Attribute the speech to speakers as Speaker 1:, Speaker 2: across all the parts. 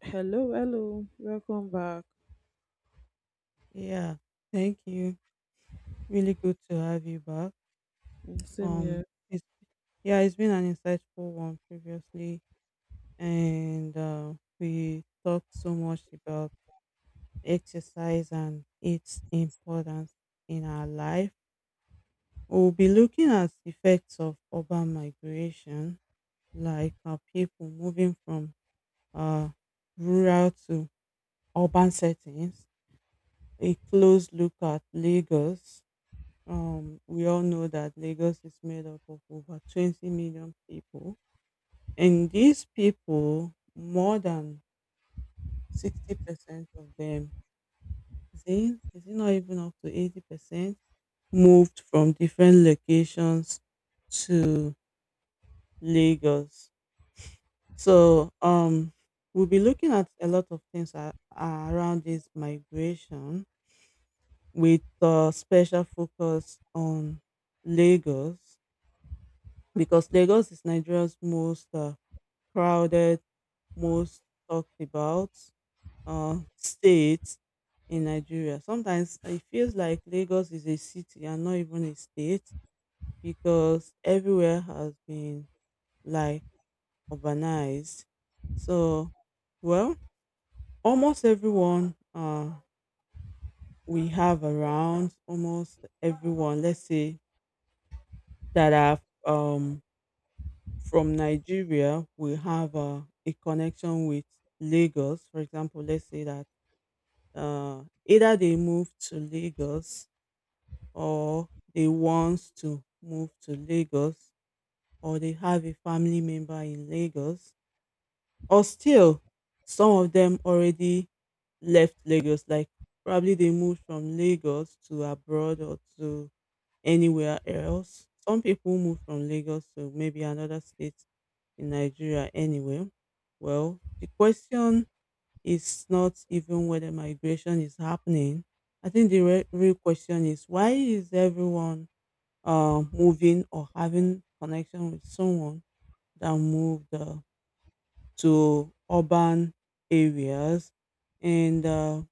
Speaker 1: Hello, hello. Welcome back.
Speaker 2: Yeah, thank you. Really good to have you back.
Speaker 1: Mm, same
Speaker 2: Um,
Speaker 1: here.
Speaker 2: it's yeah, it's been an insightful one previously, and we talked so much about exercise and its importance in our life. We'll be looking at effects of urban migration, like people moving from uh, rural to urban settings. A close look at Lagos. We all know that Lagos is made up of over 20 million people, and these people, more than 60% of them, is it not even up to 80%, moved from different locations to Lagos. So, we'll be looking at a lot of things around this migration with a special focus on Lagos because Lagos is Nigeria's most crowded, most talked about state in Nigeria. Sometimes it feels like Lagos is a city and not even a state because everywhere has been like urbanized. So, well, almost everyone we have around, almost everyone, let's say that are um, from Nigeria, we have a connection with Lagos. For example, let's say that either they move to Lagos or they want to move to Lagos or they have a family member in Lagos, or still some of them already left Lagos, like probably they moved from Lagos to abroad or to anywhere else. Some people move from Lagos to maybe another state in Nigeria anyway. Well, the question it's not even whether migration is happening. I think the real question is why is everyone moving or having connection with someone that moved to urban areas and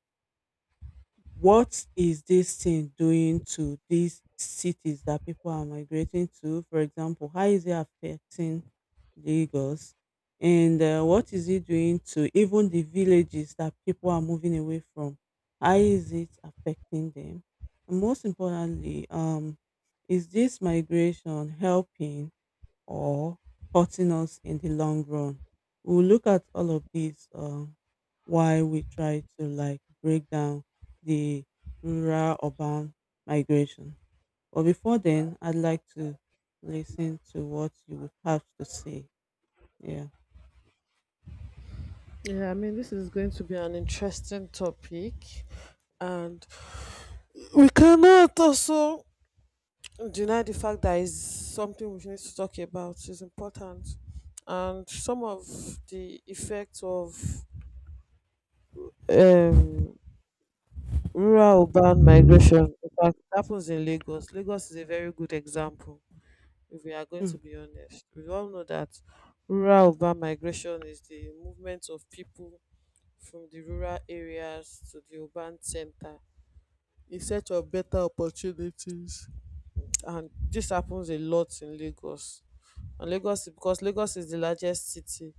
Speaker 2: what is this thing doing to these cities that people are migrating to? For example, how is it affecting Lagos? And what is it doing to even the villages that people are moving away from? How is it affecting them? And most importantly, is this migration helping or hurting us in the long run. We'll look at all of these while we try to like break down the rural urban migration. But before then, I'd like to listen to what you would have to say. Yeah.
Speaker 1: Yeah, I mean, this is going to be an interesting topic, and we cannot also deny the fact that it's something we need to talk about. It's important, and some of the effects of um, rural urban migration. In fact, it happens in Lagos. Lagos is a very good example. If we are going
Speaker 2: Hmm.
Speaker 1: to be honest, we all know that rural urban migration is the movement of people from the rural areas to the urban center in search of better opportunities. And this happens a lot in Lagos. And Lagos because Lagos is the largest city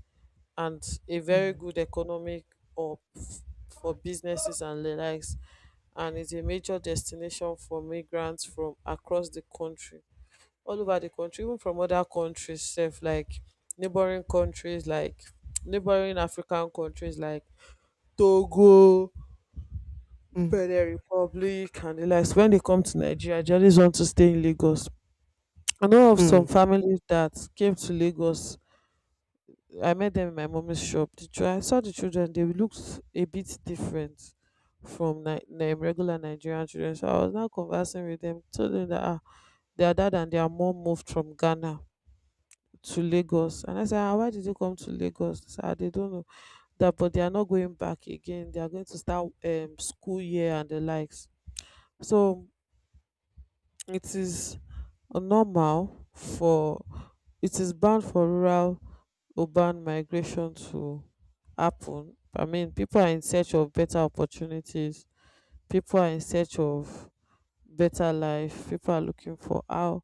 Speaker 1: and a very
Speaker 2: Hmm.
Speaker 1: good economic hub for businesses and the likes and is a major destination for migrants from across the country, all over the country, even from other countries self like neighboring countries like neighboring African countries like Togo,
Speaker 2: Hmm.
Speaker 1: But the Republic and the likes. When they come to Nigeria, they always want to stay in Lagos. I know of
Speaker 2: Hmm.
Speaker 1: some families that came to Lagos. I met them in my mommy's shop. I saw the children; they looked a bit different from regular Nigerian children. So I was now conversing with them, told them that ah, their dad and their mom moved from Ghana to Lagos. And I said, ah, why did you come to Lagos? They said, ah, they don't know that, but they are not going back again. They are going to start school year and the likes. So it is normal for it is bound for rural urban migration to happen. I mean, people are in search of better opportunities. People are in search of better life. People are looking for how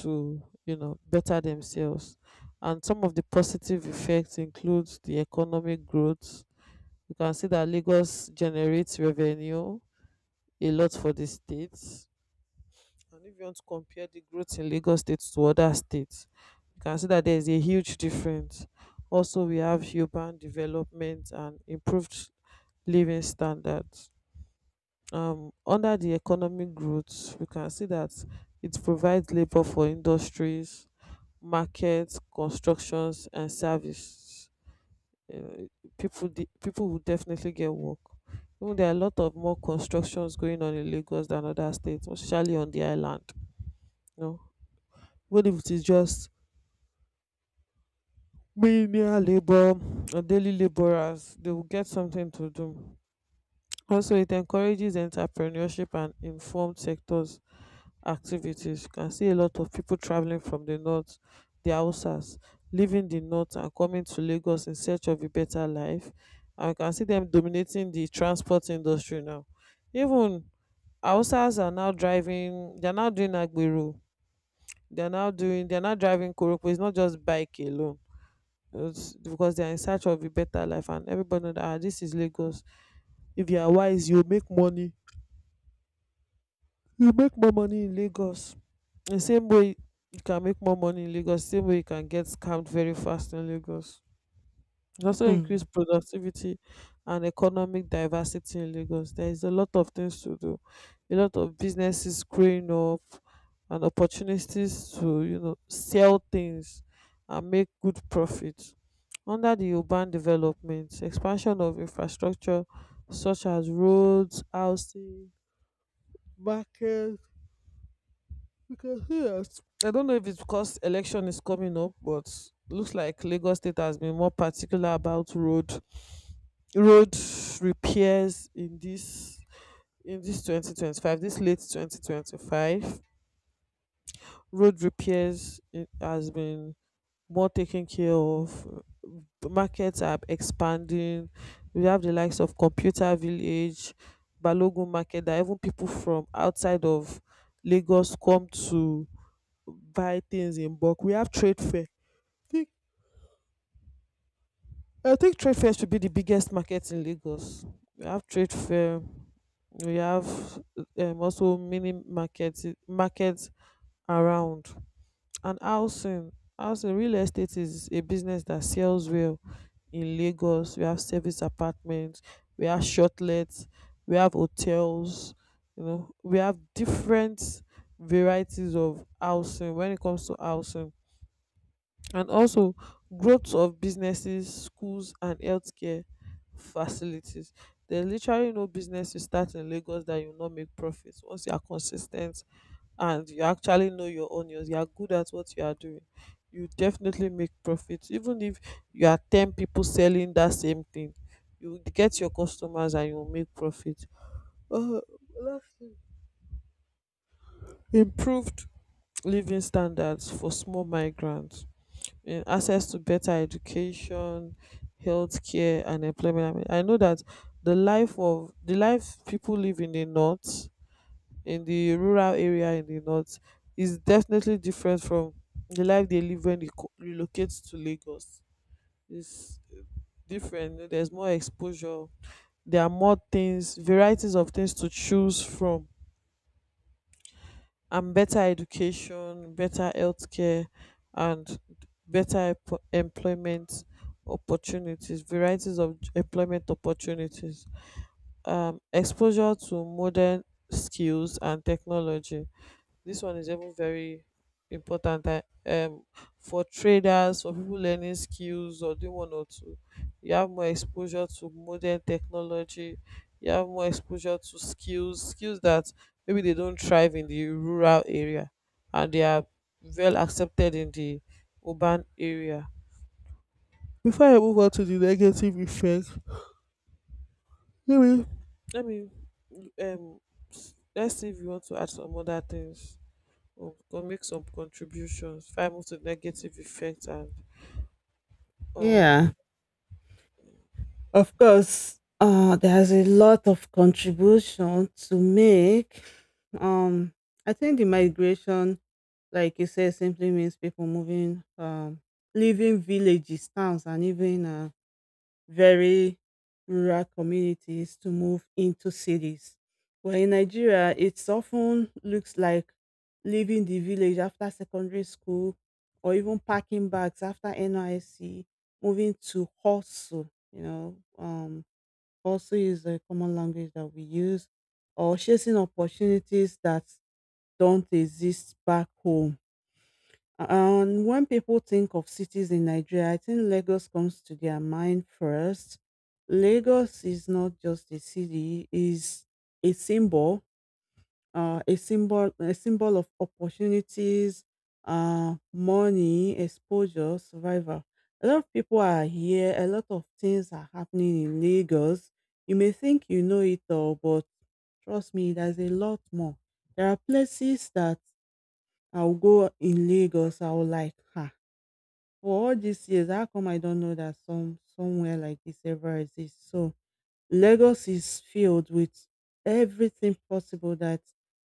Speaker 1: to, you know, better themselves. And some of the positive effects include the economic growth. You can see that Lagos generates revenue a lot for the states. And if you want to compare the growth in Lagos State to other states, you can see that there is a huge difference. Also, we have urban development and improved living standards. Under the economic growth, we can see that it provides labor for industries, markets, constructions, and service. Uh, people, people will definitely get work. Even there are a lot of more constructions going on in Lagos than other states, especially on the island. No. What if it is just menial labor or daily laborers? They will get something to do. Also, it encourages entrepreneurship and informed sectors activities. You can see a lot of people traveling from the north, the Hausas, leaving the north and coming to Lagos in search of a better life. And you can see them dominating the transport industry now. Even Hausas are now driving, they're now doing Agbero, they're now driving Koroko. It's not just bike alone, it's because they are in search of a better life and everybody know that ah this is Lagos. If you are wise you make money, you make more money in Lagos. The same way you can make more money in Lagos, same way you can get scammed very fast in Lagos. It also increase
Speaker 2: Hmm.
Speaker 1: productivity and economic diversity in Lagos. There is a lot of things to do, a lot of businesses growing up, and opportunities to you know sell things and make good profit. Under the urban development, expansion of infrastructure such as roads, housing, markets. We can see that. I don't know if it's because election is coming up, but looks like Lagos State has been more particular about road repairs in this 2025, this late 2025 road repairs it has been more taken care of. The markets are expanding, we have the likes of computer village, Balogun market that even people from outside of Lagos come to buy things in bulk. We have trade fair. I think I think trade fair should be the biggest market in Lagos. We have trade fair, we have also mini markets around. And housing real estate is a business that sells well in Lagos. We have service apartments, we have shortlets, we have hotels, you know, we have different varieties of housing when it comes to housing. And also, growth of businesses, schools and healthcare facilities. There's literally no business you start in Lagos that you will not make profits once you are consistent and you actually know your onions, you are good at what you are doing. You definitely make profits even if you are 10 people selling that same thing, you will get your customers and you will make profit. Uh, improved living standards for small migrants in access to better education, healthcare, and employment. I mean, I know that the life people live in the north, in the rural area in the north, is definitely different from the life they live when they relocate to Lagos. It's different. There's more exposure. There are more things, varieties of things to choose from, and better education, better healthcare, and employment opportunities, varieties of employment opportunities, exposure to modern skills and technology. This one is even very important, for traders, for people learning skills or doing one or two, you have more exposure to modern technology, you have more exposure to skills that maybe they don't thrive in the rural area and they are well accepted in the urban area. Before I move on to the negative effect, let me let me um let's see if you want to add some other things or make some contributions if I move to negative effect and um
Speaker 2: Yeah. Of course, there's a lot of contribution to make. Um, I think the migration, like you said, simply means people moving, leaving villages, towns, and even very rural communities to move into cities. Well, in Nigeria, it's often looks like leaving the village after secondary school or even packing bags after NYC, moving to hustle is a common language that we use, or chasing opportunities that don't exist back home. And when people think of cities in Nigeria, I think Lagos comes to their mind first. Lagos is not just a city, is a symbol, a symbol of opportunities, money, exposure, survival. A lot of people are here. A lot of things are happening in Lagos. You may think you know it all, but trust me, there's a lot more. There are places that I'll go in Lagos. I'll like, ha, for all these years, how come I don't know that somewhere like this ever exists? So Lagos is filled with everything possible that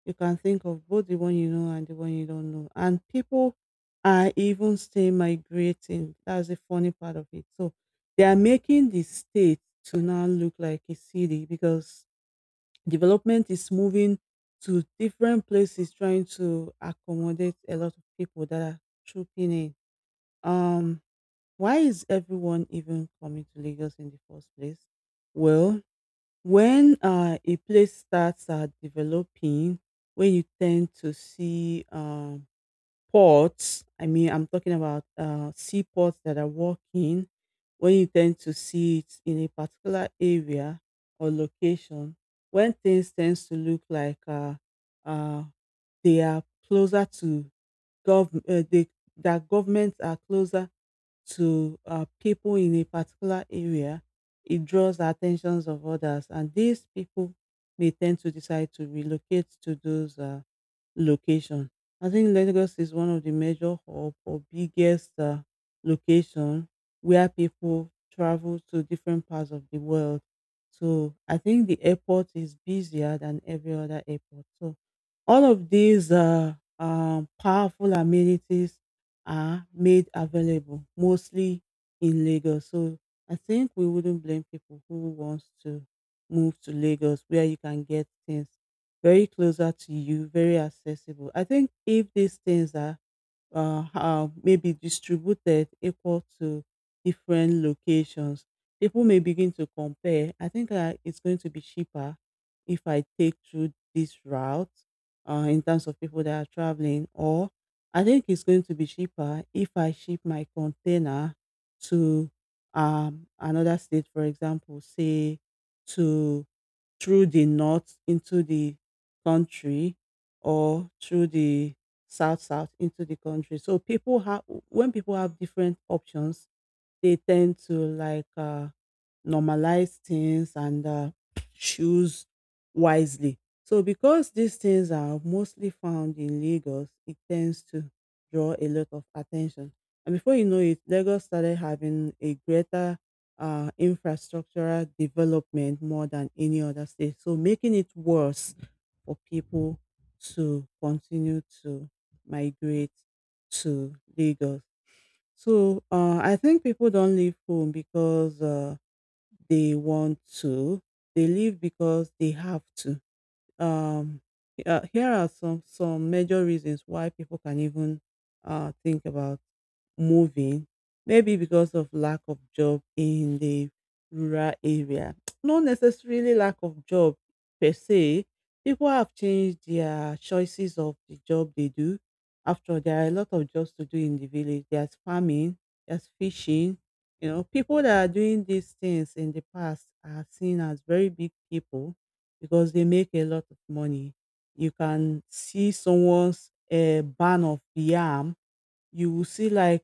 Speaker 2: you can think of, both the one you know and the one you don't know. And people are even still migrating. That's the funny part of it. So they are making the state to now look like a city because development is moving to different places trying to accommodate a lot of people that are trooping in. Um why is everyone even coming to Lagos in the first place? Well, when a place starts developing, when you tend to see ports, I mean, I'm talking about seaports that are working, when you tend to see it in a particular area or location, when things tends to look like uh, they are closer to gov, uh, they, that governments are closer to people in a particular area, it draws the attentions of others, and these people may tend to decide to relocate to those location. I think Lagos is one of the major hub or biggest location where people travel to different parts of the world. So I think the airport is busier than every other airport. So all of these powerful amenities are made available mostly in Lagos. So I think we wouldn't blame people who wants to move to Lagos where you can get things very closer to you, very accessible. I think if these things are maybe distributed equal to different locations, people may begin to compare. I think it's going to be cheaper if I take through this route in terms of people that are traveling, or I think it's going to be cheaper if I ship my container to another state, for example, say to through the north into the country or through the south into the country. So people have when people have different options, they tend to like normalize things and choose wisely. So, because these things are mostly found in Lagos, it tends to draw a lot of attention. And before you know it, Lagos started having a greater infrastructural development more than any other state. So, making it worse for people to continue to migrate to Lagos. So I think people don't leave home because they want to. They leave because they have to. um, Here are some major reasons why people can even think about moving. Maybe because of lack of job in the rural area. Not necessarily lack of job per se. People have changed their choices of the job they do. After all, there are a lot of jobs to do in the village. There's farming, there's fishing. You know, people that are doing these things in the past are seen as very big people because they make a lot of money. You can see someone's barn of yam, you will see like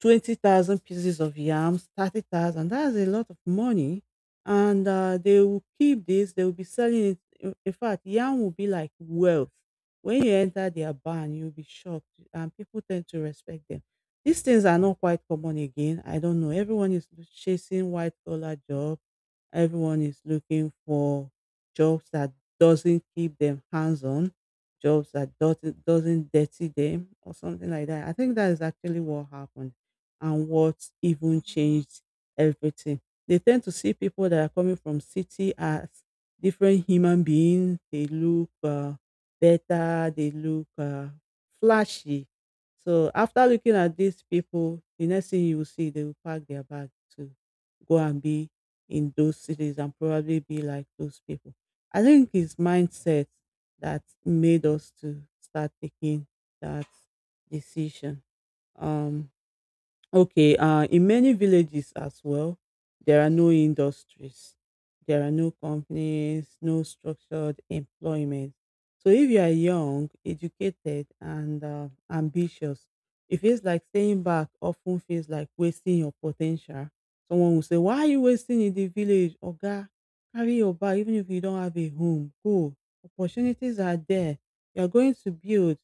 Speaker 2: 20,000 pieces of yams, 30,000. That's a lot of money. And they will keep this, they will be selling it. In fact, yam will be like wealth. When you enter their barn, you'll be shocked, and people tend to respect them. These things are not quite common again. I don't know. Everyone is chasing white collar job. Everyone is looking for jobs that doesn't keep them hands on, jobs that doesn't dirty them or something like that. I think that is actually what happened and what even changed everything. They tend to see people that are coming from city as different human beings. They look better. They look flashy. So after looking at these people, the next thing you will see, they will pack their bag to go and be in those cities and probably be like those people. I think it's mindset that made us to start taking that decision. Um, Okay, in many villages as well, there are no industries, there are no companies, no structured employment. So if you are young, educated, and ambitious, it feels like staying back often feels like wasting your potential. Someone will say, "Why are you wasting in the village? Oga, carry your bag, even if you don't have a home. Go. Opportunities are there. You are going to build."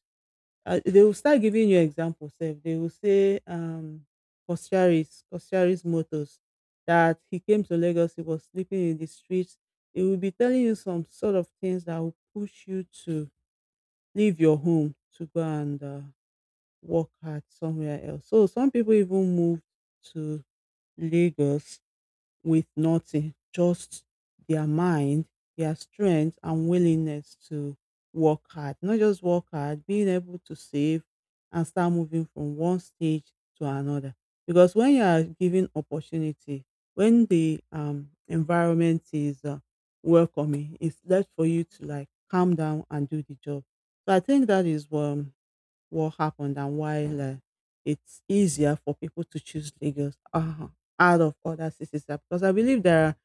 Speaker 2: They will start giving you examples. Sef they will say Kosciaris, Kosciaris Motors, that he came to Lagos, he was sleeping in the streets. He will be telling you some sort of things that will push you to leave your home to go and work hard somewhere else. So some people even move to Lagos with nothing, just their mind, their strength and willingness to work hard. Not just work hard, being able to save and start moving from one stage to another. Because when you are given opportunity, when the environment is welcoming, it's left for you to like calm down and do the job. So I think that is what happened and why like, it's easier for people to choose Lagos out of other cities. Because I believe there are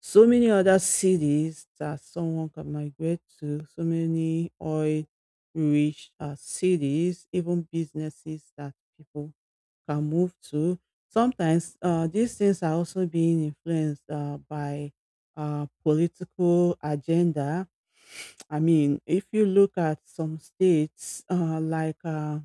Speaker 2: so many other cities that someone can migrate to, so many oil rich cities, even businesses that people can move to. Sometimes these things are also being influenced by political agenda. I mean, if you look at some states uh, like uh,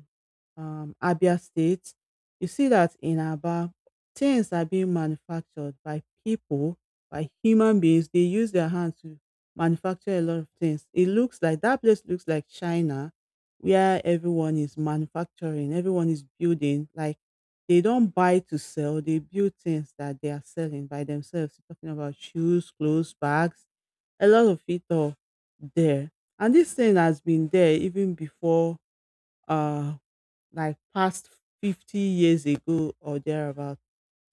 Speaker 2: um, Abia State, you see that in Aba, things are being manufactured by people, by human beings. They use their hands to manufacture a lot of things. It looks like that place looks like China, where everyone is manufacturing, everyone is building. Like they don't buy to sell, they build things that they are selling by themselves. Talking about shoes, clothes, bags, a lot of it all there. And this thing has been there even before uh like past 50 years ago or thereabout.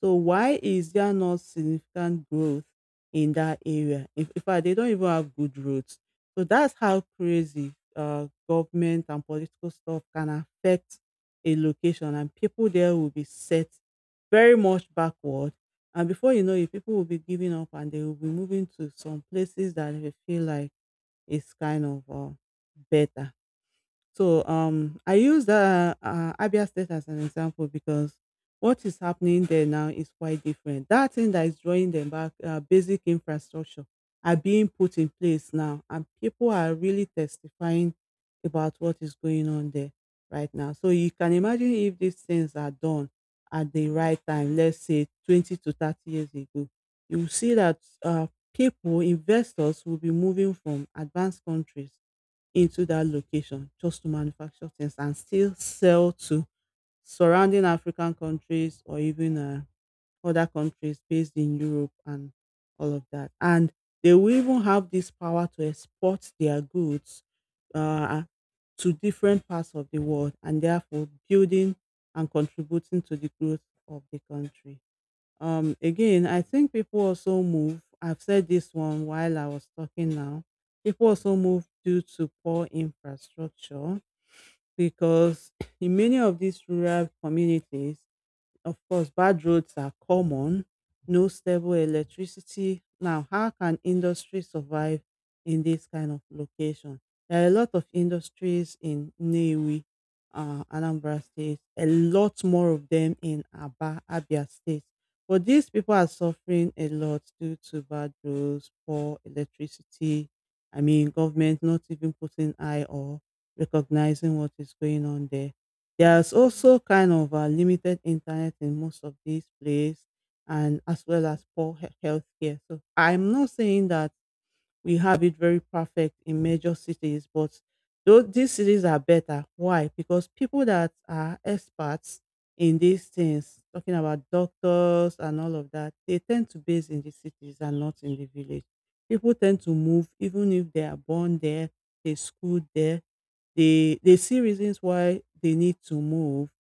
Speaker 2: So why is there not significant growth in that area? In fact, they don't even have good roads. So that's how crazy government and political stuff can affect a location, and people there will be set very much backward. And before you know it, people will be giving up and they will be moving to some places that they feel like is kind of better. So I use Abia State as an example because what is happening there now is quite different. That thing that is drawing them back, basic infrastructure, are being put in place now, and people are really testifying about what is going on there right now. So you can imagine if these things are done at the right time, let's say 20 to 30 years ago, you will see that uh, people, investors, will be moving from advanced countries into that location just to manufacture things and still sell to surrounding African countries or even other countries based in Europe and all of that. And they will even have this power to export their goods uh, to different parts of the world and therefore building and contributing to the growth of the country. Again, I think people also move. I've said this one while I was talking now. People also move due to poor infrastructure because in many of these rural communities, of course, bad roads are common, no stable electricity. Now, how can industry survive in this kind of location? There are a lot of industries in Newi, Anambra State, a lot more of them in Aba, Abia State. But these people are suffering a lot due to bad roads, poor electricity. I mean, government not even putting eye or recognizing what is going on There's also kind of a limited internet in most of these places, and as well as poor health care. So I'm not saying that we have it very perfect in major cities, but though these cities are better. Why? Because people that are experts in these things, talking about doctors and all of that, they tend to base in the cities and not in the village. People tend to move even if they are born there, they school there, they see reasons why they need to move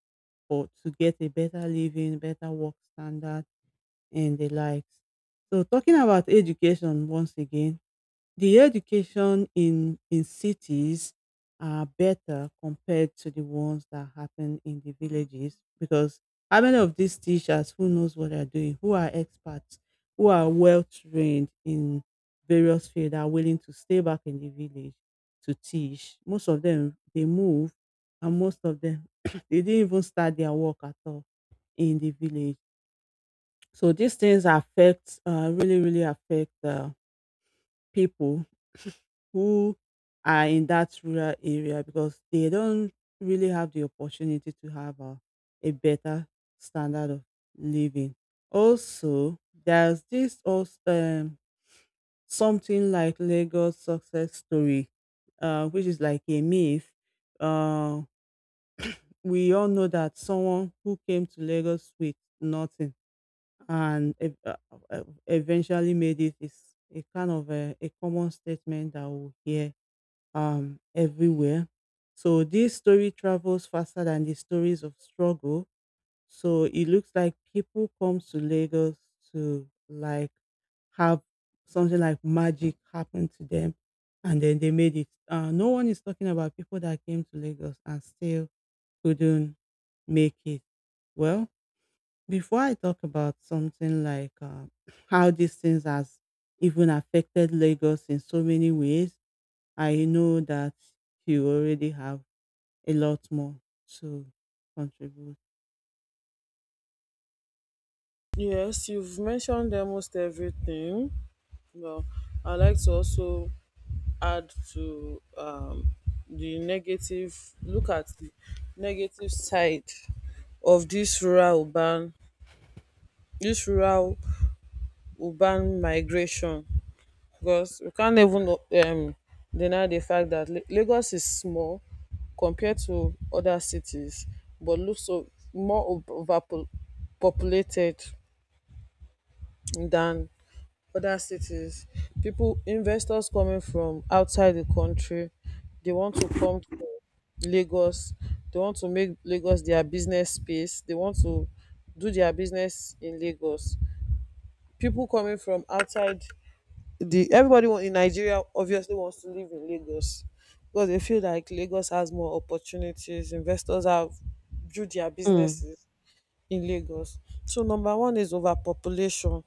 Speaker 2: or to get a better living, better work standard and the likes. So talking about education once again, the education in cities are better compared to the ones that happen in the villages because how many of these teachers who knows what they're doing, who are experts, who are well trained in various fields are willing to stay back in the village to teach. Most of them they move and most of them they didn't even start their work at all in the village. So these things affect really affect people who are in that rural area because they don't really have the opportunity to have a better standard of living. Also, there's this also, something like Lagos success story, which is like a myth. Uh, we all know that someone who came to Lagos with nothing and eventually made it is a kind of a common statement that we hear everywhere. So this story travels faster than the stories of struggle. So it looks like people come to Lagos to like have something like magic happen to them, and then they made it. No one is talking about people that came to Lagos and still couldn't make it. Well, before I talk about something like how these things has even affected Lagos in so many ways, I know that you already have a lot more to contribute.
Speaker 1: yes you've mentioned almost everything. Well, I like to also add to the negative, look at the negative side of this rural urban migration because we can't even um, deny the fact that Lagos is small compared to other cities, but looks so more overpopulated than other cities. People, investors coming from outside the country, they want to come to Lagos. They want to make Lagos their business space. They want to do their business in Lagos. People coming from outside the everybody in Nigeria obviously wants to live in Lagos because they feel like Lagos has more opportunities. Investors have drew their
Speaker 2: Mm,
Speaker 1: businesses in Lagos. So number one is overpopulation.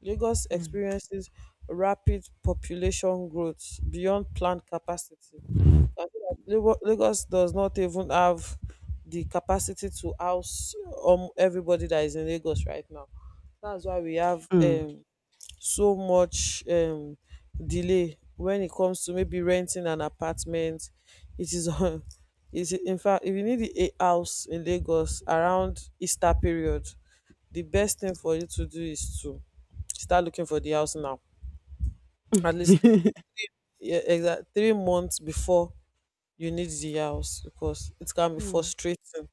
Speaker 1: Lagos
Speaker 2: mm,
Speaker 1: experiences rapid population growth beyond planned capacity. I feel like Lagos does not even have the capacity to house everybody that is in Lagos right now. That's why we have
Speaker 2: mm,
Speaker 1: so much delay when it comes to maybe renting an apartment. It is on is in fact if you need a house in Lagos around Easter period, the best thing for you to do is to start looking for the house now. At least yeah, exact 3 months before you need the house because it can be
Speaker 2: mm,
Speaker 1: frustrating.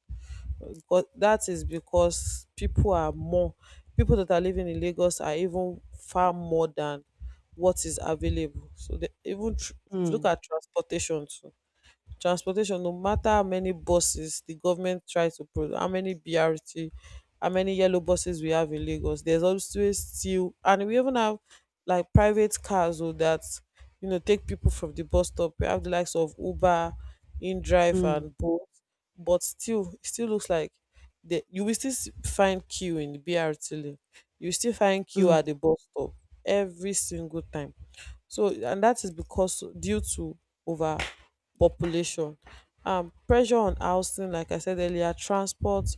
Speaker 1: Because that is because people that are living in Lagos are even far more than what is available. So the even look
Speaker 2: mm,
Speaker 1: at transportation too. Transportation, no matter how many buses the government tries to produce, how many BRT, how many yellow buses we have in Lagos, there's always still, and we even have like private cars or that you know take people from the bus stop. We have the likes of Uber, InDrive,
Speaker 2: mm,
Speaker 1: and Bolt, but still it still looks like you will still find queue in the BRT lane. You will still find queue
Speaker 2: mm.
Speaker 1: at the bus stop every single time. So and that is because due to overpopulation, pressure on housing, like I said earlier, transport,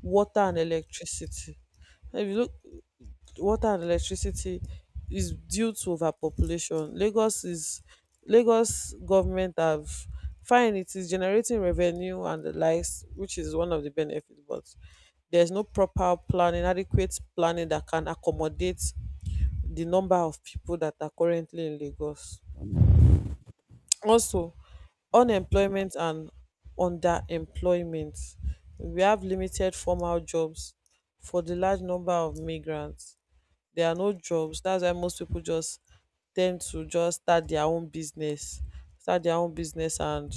Speaker 1: water and electricity. If you look water and electricity is due to overpopulation. Lagos government have fine it is generating revenue and the likes, which is one of the benefits, but there's no proper planning, adequate planning that can accommodate the number of people that are currently in Lagos. Also, unemployment and underemployment. We have limited formal jobs for the large number of migrants. There are no jobs. That's why most people just tend to just start their own business, start their own business and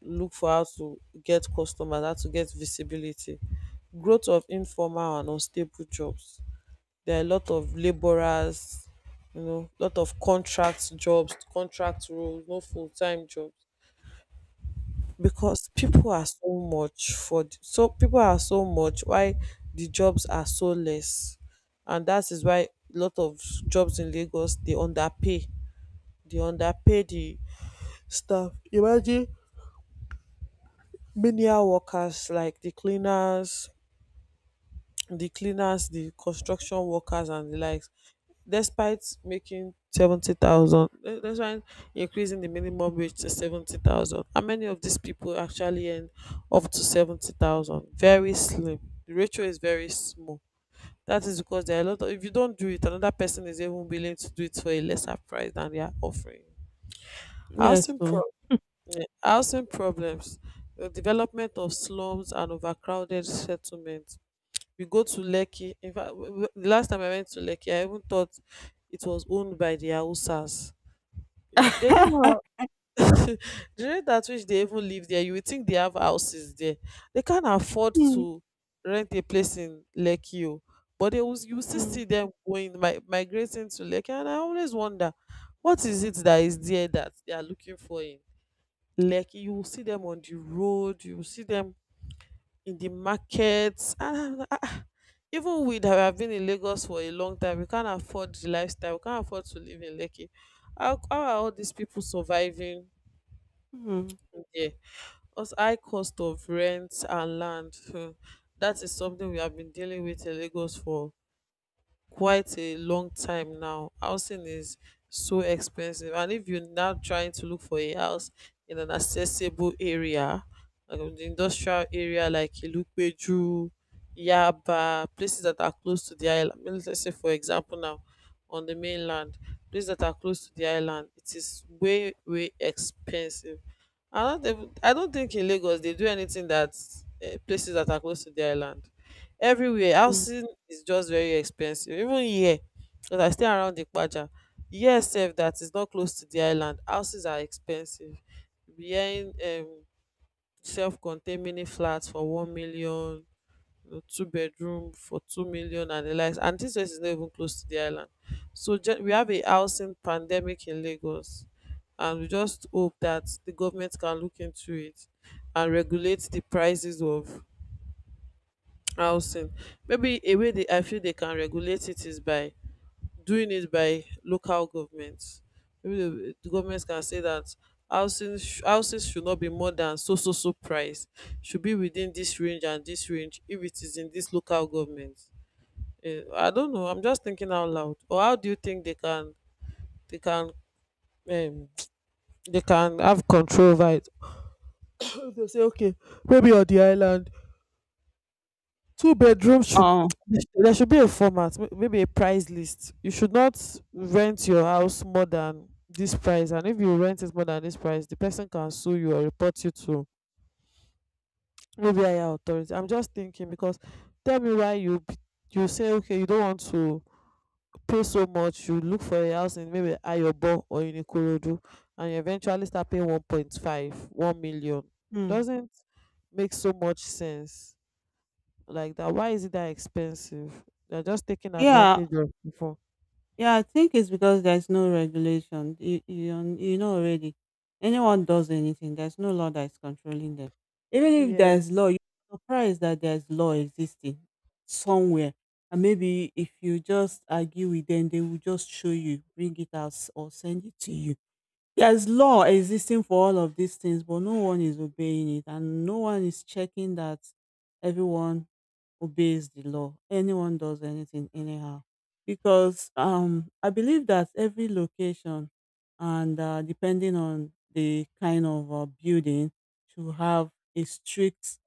Speaker 1: look for how to get customers, how to get visibility. Growth of informal and unstable jobs. There are a lot of laborers, you know, lot of contract jobs, contract roles, no full time jobs. Because people are so much for so people are so much why the jobs are so less, and that is why a lot of jobs in Lagos they underpay, they underpay the staff. Imagine menial workers like the cleaners, the construction workers and the likes. Despite making 70,000, despite increasing the minimum wage to 70,000, how many of these people actually earn up to 70,000? Very slim. The ratio is very small. That is because there are a lot of, if you don't do it, another person is even willing to do it for a lesser price than they are offering.
Speaker 2: Yes,
Speaker 1: Housing,
Speaker 2: so.
Speaker 1: housing problems, the development of slums and overcrowded settlements. We go to Lekki. In fact, the last time I went to Lekki, I even thought it was owned by the Hausas. They don't have the rate at which they even live there. You would think they have houses there. They can't afford
Speaker 2: mm,
Speaker 1: to rent a place in Lekki o, but they will. You will still
Speaker 2: mm,
Speaker 1: see them migrating to Lekki, and I always wonder what is it that is there that they are looking for in Lekki. You will see them on the road, you will see them in the markets. And I, "Ah, even we that have been in Lagos for a long time, we can't afford the lifestyle. We can't afford to live in Lekki. How are all these people surviving
Speaker 2: mm,
Speaker 1: in there? Because high cost of rent and land. That is something we have been dealing with in Lagos for quite a long time now. Housing is so expensive, and if you're now trying to look for a house in an accessible area, like in the industrial area like Ilupeju, Yaba, places that are close to the island. Mean, let's say, for example, now on the mainland, places that are close to the island, it is way expensive. I don't, I don't think in Lagos they do anything that places that are close to the island, everywhere
Speaker 2: mm.
Speaker 1: housing is just very expensive, even here, because I stay around Ikpaja. Here sef, that is not close to the island. Houses are expensive. You be hearing self-contained mini flats for 1,000,000, you know, two bedroom for 2,000,000 and the likes, and this place is not even close to the island. So we have a housing pandemic in Lagos, and we just hope that the government can look into it and regulate the prices of housing. Maybe a way they, I feel they can regulate it is by doing it by local governments. Maybe the government can say that houses should not be more than so so so price, should be within this range and this range if it is in this local government. Eh, I don't know, I'm just thinking out loud. Or how do you think they can, they can um, they can have control over it? They say okay, maybe on the island two bedrooms should,
Speaker 2: Oh,
Speaker 1: there should be a format, maybe a price list. You should not rent your house more than this price, and if you rent it more than this price the person can sue you or report you to maybe higher authority. I'm just thinking, because tell me why you say okay, you don't want to pay so much, you look for a house in maybe Ayobo or in Ikorodu, and you eventually start paying 1.5, 1,000,000.
Speaker 2: mm.
Speaker 1: Doesn't make so much sense like that. Why is it that expensive? They're just taking
Speaker 2: Yeah.
Speaker 1: advantage of people.
Speaker 2: Yeah, I think it's because there's no regulation. You know already. Anyone does anything, there's no law that's controlling them. Even if
Speaker 1: Yes,
Speaker 2: there's law, you're surprised that there's law existing somewhere. And maybe if you just argue with them, they will just show you, bring it out, or send it to you. There's law existing for all of these things, but no one is obeying it, and no one is checking that everyone obeys the law. Anyone does anything anyhow, because I believe that every location, and depending on the kind of building, should have a strict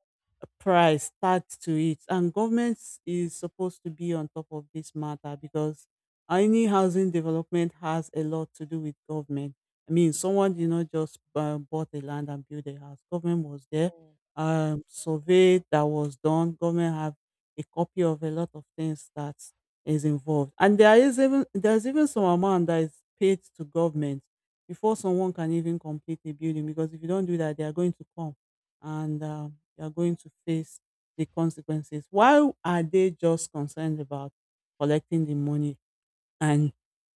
Speaker 2: price tagged to it, and government is supposed to be on top of this matter because any housing development has a lot to do with government. I mean, someone did not just bought the land and built a house. Government was there. Survey that was done. Government have a copy of a lot of things that is involved, and there's even some amount that is paid to government before someone can even complete a building. Because if you don't do that, they are going to come, and you are going to face the consequences. Why are they just concerned about collecting the money and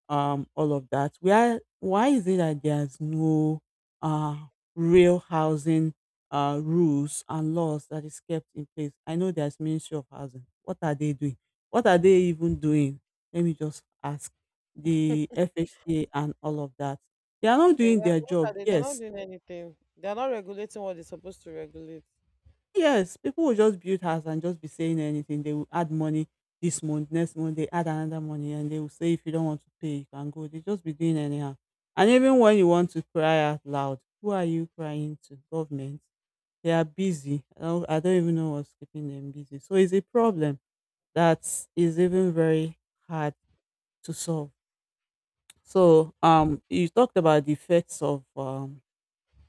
Speaker 2: all of that. Where why is it that there's no uh real housing rules and laws that is kept in place? I know there's ministry of housing. What are they doing? What are they even doing? Let me just ask the FHA and all of that. They are not doing their
Speaker 1: exactly. What
Speaker 2: job.
Speaker 1: are they? They're not
Speaker 2: Yes.
Speaker 1: doing anything. They're not regulating what they're supposed to regulate.
Speaker 2: Yes, people will just build house and just be saying anything. They will add money this month, next month they add another money and they will say if you don't want to pay, you can go. They just be doing anyhow. And even when you want to cry out loud, who are you crying to? Government. They are busy. I don't even know what's keeping them busy. So it's a problem that is even very hard to solve. So you talked about the effects of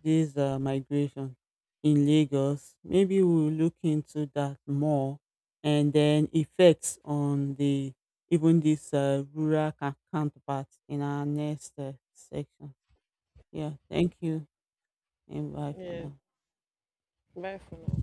Speaker 2: this migration in Lagos. Maybe we'll look into that more and then effects on the even this rural counterparts in our next section. Yeah, thank you and bye for
Speaker 1: Yeah.
Speaker 2: now.
Speaker 1: Bye for now.